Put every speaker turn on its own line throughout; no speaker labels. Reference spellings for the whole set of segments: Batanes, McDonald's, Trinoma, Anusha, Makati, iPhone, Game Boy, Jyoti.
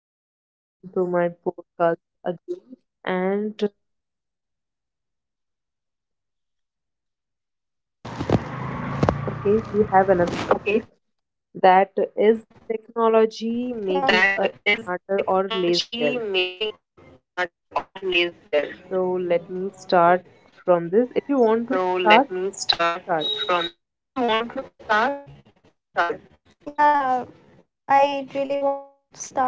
Uh, hi,
welcome
Jyoti.
to my
Hi
podcast
Anusha. So,
again.
welcome to my
And
podcast again. And
Okay, we have another topic,
okay,
that
we have another
is
topic. Yeah,
technology
that
making us
is
smarter or
technology
lazier.
making us smarter or lazier.
So, let me start from this.
So,
If you
let
want
me
to
start
start,
from this.
start.
If you want to start, start? Yeah, I really wants to start first today.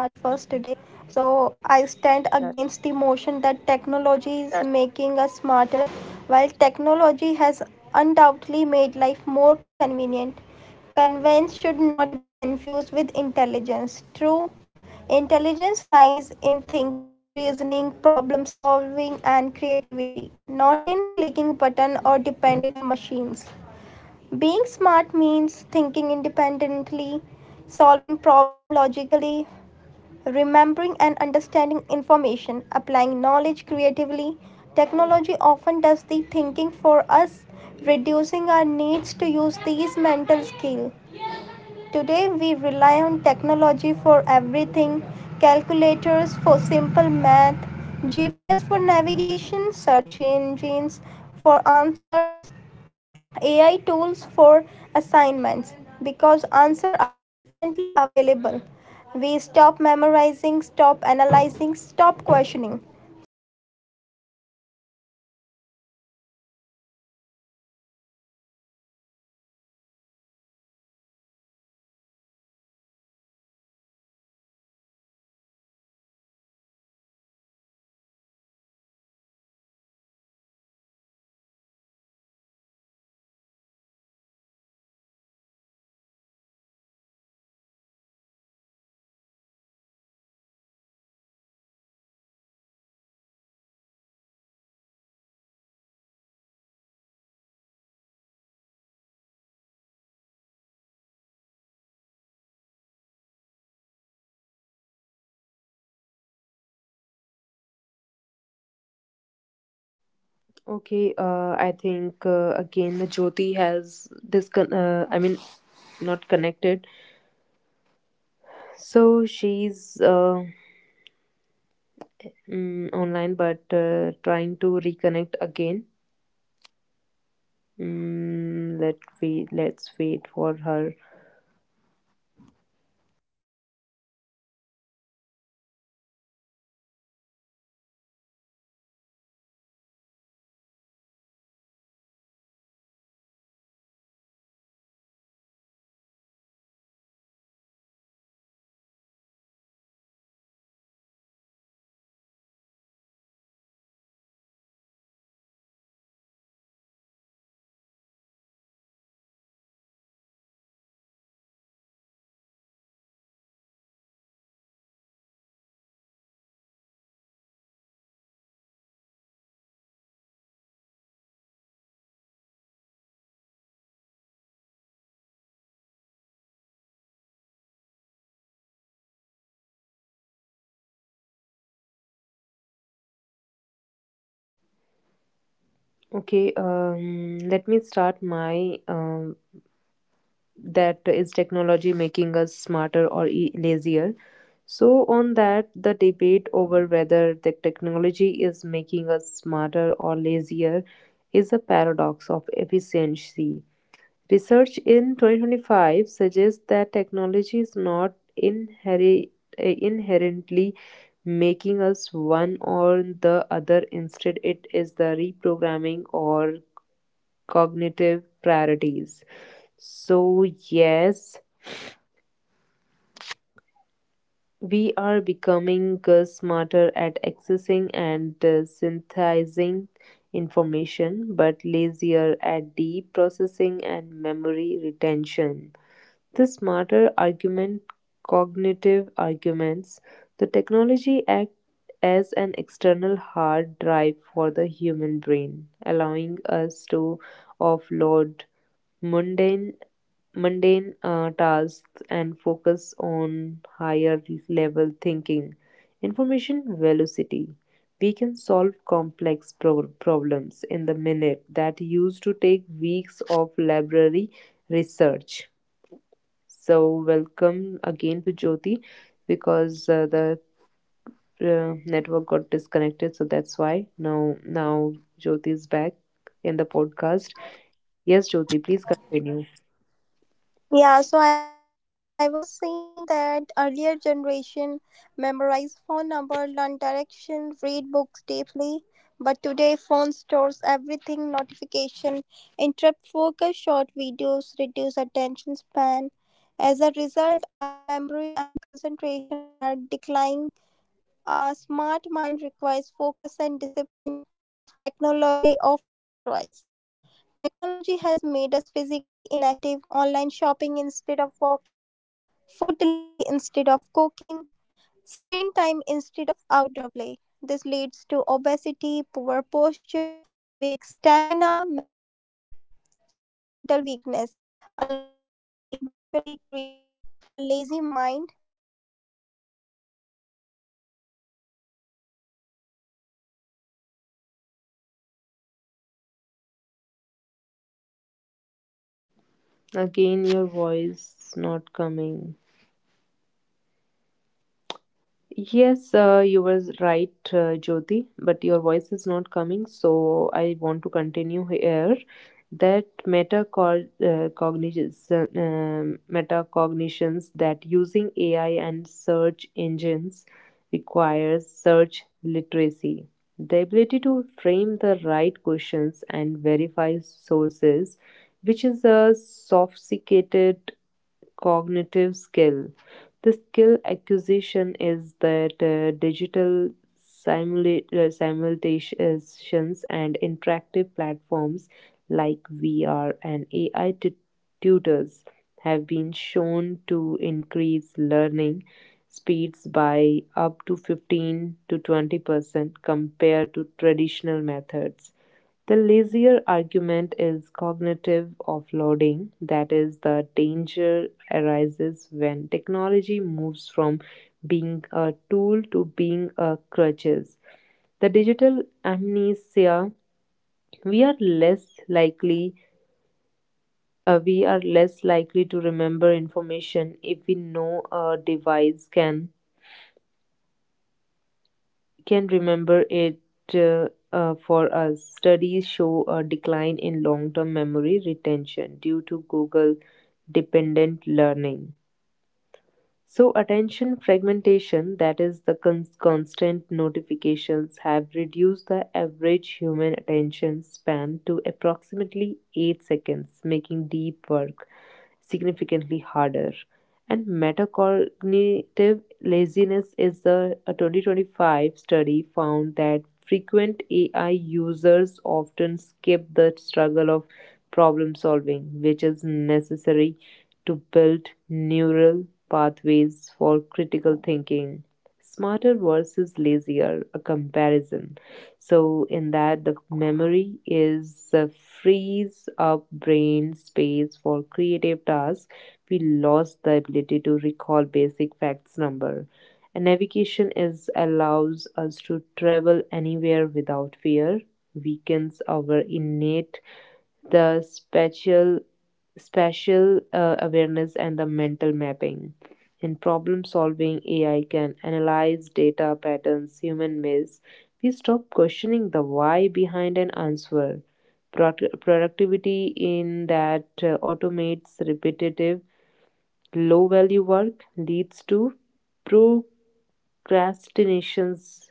So I stand
Yeah.
against the motion that technology is making us smarter. While technology has undoubtedly made life more convenient, convenience should not be confused with intelligence. True, intelligence lies in thinking, reasoning, problem solving, and creativity, not in clicking button or depending on machines. Being smart means thinking independently, solving problem logically, remembering and understanding information, applying knowledge creatively. Technology often does the thinking for us, reducing our needs to use these mental skills. Today we rely on technology for everything, calculators for simple math, GPS for navigation, search engines for answers, AI tools for assignments because answers are instantly available. We stop memorizing, stop analyzing, stop questioning. This depends weakness are natural thinking ability and problem solving skills. Earlier generation memorize phone number, learn direction, read books deeply. Today, phones store everything, notification interrupt focus, short videos reduce attention span. As a result, our memory and concentration are declining a smart mind.
Okay. I think again the Jyoti has discon. I mean, not connected. So she's online, but trying to reconnect again. Let's wait for her. Okay, let me start my, that is technology making us smarter or lazier. So on that, the debate over whether the technology is making us smarter or lazier is a paradox of efficiency. Research in 2025 suggests that technology is not inherit, inherently making us one or the other. Instead, it is the reprogramming or cognitive priorities. So, yes, we are becoming smarter at accessing and synthesizing information, but lazier at deep processing and memory retention. The smarter argument, cognitive arguments, the technology act as an external hard drive for the human brain, allowing us to offload mundane mundane tasks and focus on higher level thinking. Information velocity. We can solve problems in the minute that used to take weeks of library research. So, welcome again to Jyoti because the network got disconnected, so that's why now Jyoti is back in the podcast. Yes, Jyoti, please continue.
Yeah, so I was saying that earlier generation memorized phone number, learn direction, read books deeply. But today phone stores everything, notification, interrupt focus, short videos, reduce attention span. As a result, our memory and concentration are declining. A smart mind requires focus and discipline, which technology often destroys. Technology has made us physically inactive, online shopping instead of walking, food delivery instead of cooking, screen time instead of outdoor play. This leads to obesity, poor posture, weak stamina, mental weakness. A lazy body.
Again, your voice not coming. Yes, you were right, Jyoti, but your voice is not coming, so I want to continue here. That metacognitions, that using AI and search engines requires search literacy. The ability to frame the right questions and verify sources, which is a sophisticated cognitive skill. The skill acquisition is that digital simulations and interactive platforms like VR and AI tutors have been shown to increase learning speeds by up to 15 to 20% compared to traditional methods. The lazier argument is cognitive offloading, that is, the danger arises when technology moves from being a tool to being a crutches. The digital amnesia, we are less likely we are less likely to remember information if we know a device can remember it for us. Studies show a decline in long-term memory retention due to Google dependent learning. So, attention fragmentation, that is, the constant notifications, have reduced the average human attention span to approximately 8 seconds, making deep work significantly harder. And metacognitive laziness is a 2025 study found that frequent AI users often skip the struggle of problem solving, which is necessary to build neural pathways for critical thinking. Smarter versus lazier, a comparison. So, in that, the memory is frees up brain space for creative tasks. We lost the ability to recall basic facts number. And navigation is allows us to travel anywhere without fear, weakens our innate the spatial awareness and the mental mapping. In problem solving, AI can analyze data patterns human miss. We stop questioning the why behind an answer. Productivity in that automates repetitive, low value work leads to procrastinations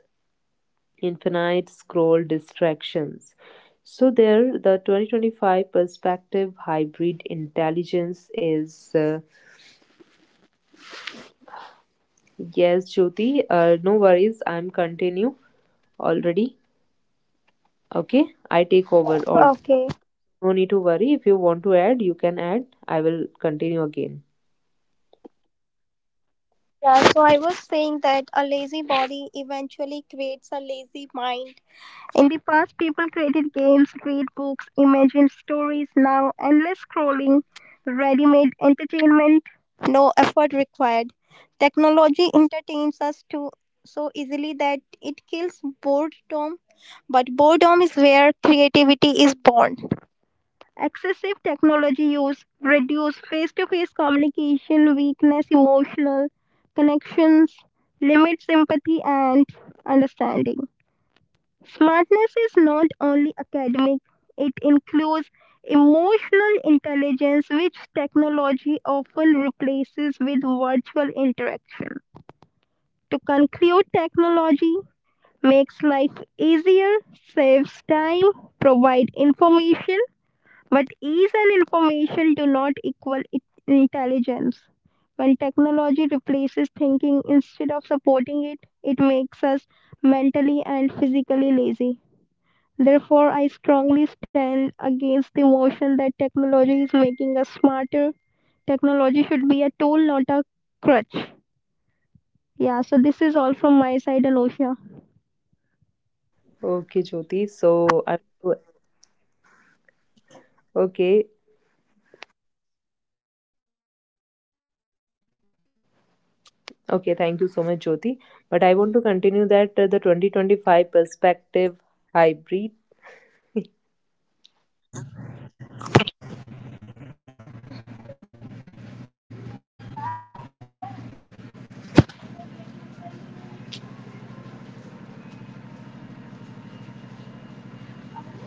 infinite scroll distractions. So there, the 2025 perspective hybrid intelligence is, yes, Jyoti. No worries, I'm continue already. Okay,
Okay.
I take over. All, no need to worry. If you want to add, you can add. I will continue again.
Yeah, so I was saying that a lazy body eventually creates a lazy mind. In the past, people created games, read books, imagined stories. Now, endless scrolling, ready made entertainment, no effort required. Technology entertains us too so easily that it kills boredom, but boredom is where creativity is born. Excessive technology use reduce face to face communication, weakness emotional connections, limits empathy and understanding. Smartness is not only academic, it includes emotional intelligence, which technology often replaces with virtual interaction. To conclude, technology makes life easier, saves time, provides information, but ease and information do not equal intelligence. When technology replaces thinking instead of supporting it, it makes us mentally and physically lazy. Therefore, I strongly stand against the motion that technology is making us smarter. Technology should be a tool, not a crutch. Yeah, so this is all from my side, Anosha.
Okay, Jyoti. So I Okay. Okay, thank you so much, Jyoti. But I want to continue that the 2025 perspective hybrid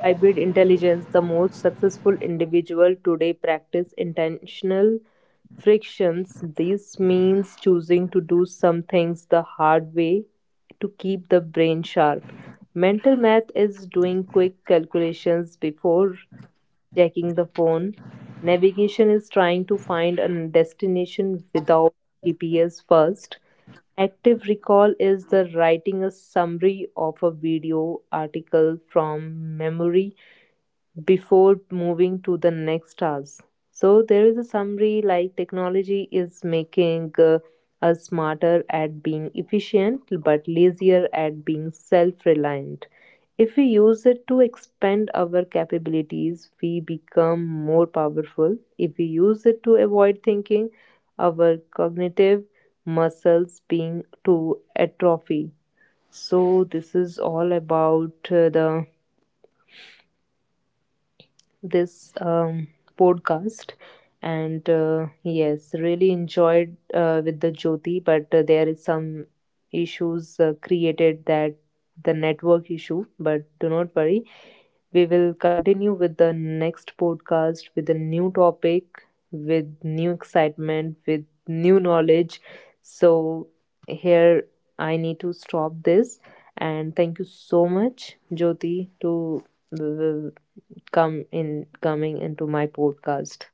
Hybrid intelligence. The most successful individual today practice intentional frictions. This means choosing to do some things the hard way to keep the brain sharp. Mental math is doing quick calculations before checking the phone. Navigation is trying to find a destination without GPS first. Active recall is the writing a summary of a video article from memory before moving to the next task. So there is a summary like technology is making us smarter at being efficient but lazier at being self-reliant. If we use it to expand our capabilities, we become more powerful. If we use it to avoid thinking, our cognitive muscles being to atrophy. So this is all about the this podcast, and yes, really enjoyed with the Jyoti, but there is some issues created, that the network issue, but do not worry, we will continue with the next podcast with a new topic, with new excitement, with new knowledge. So here I need to stop this, and thank you so much, Jyoti, to uh, come in coming into my podcast.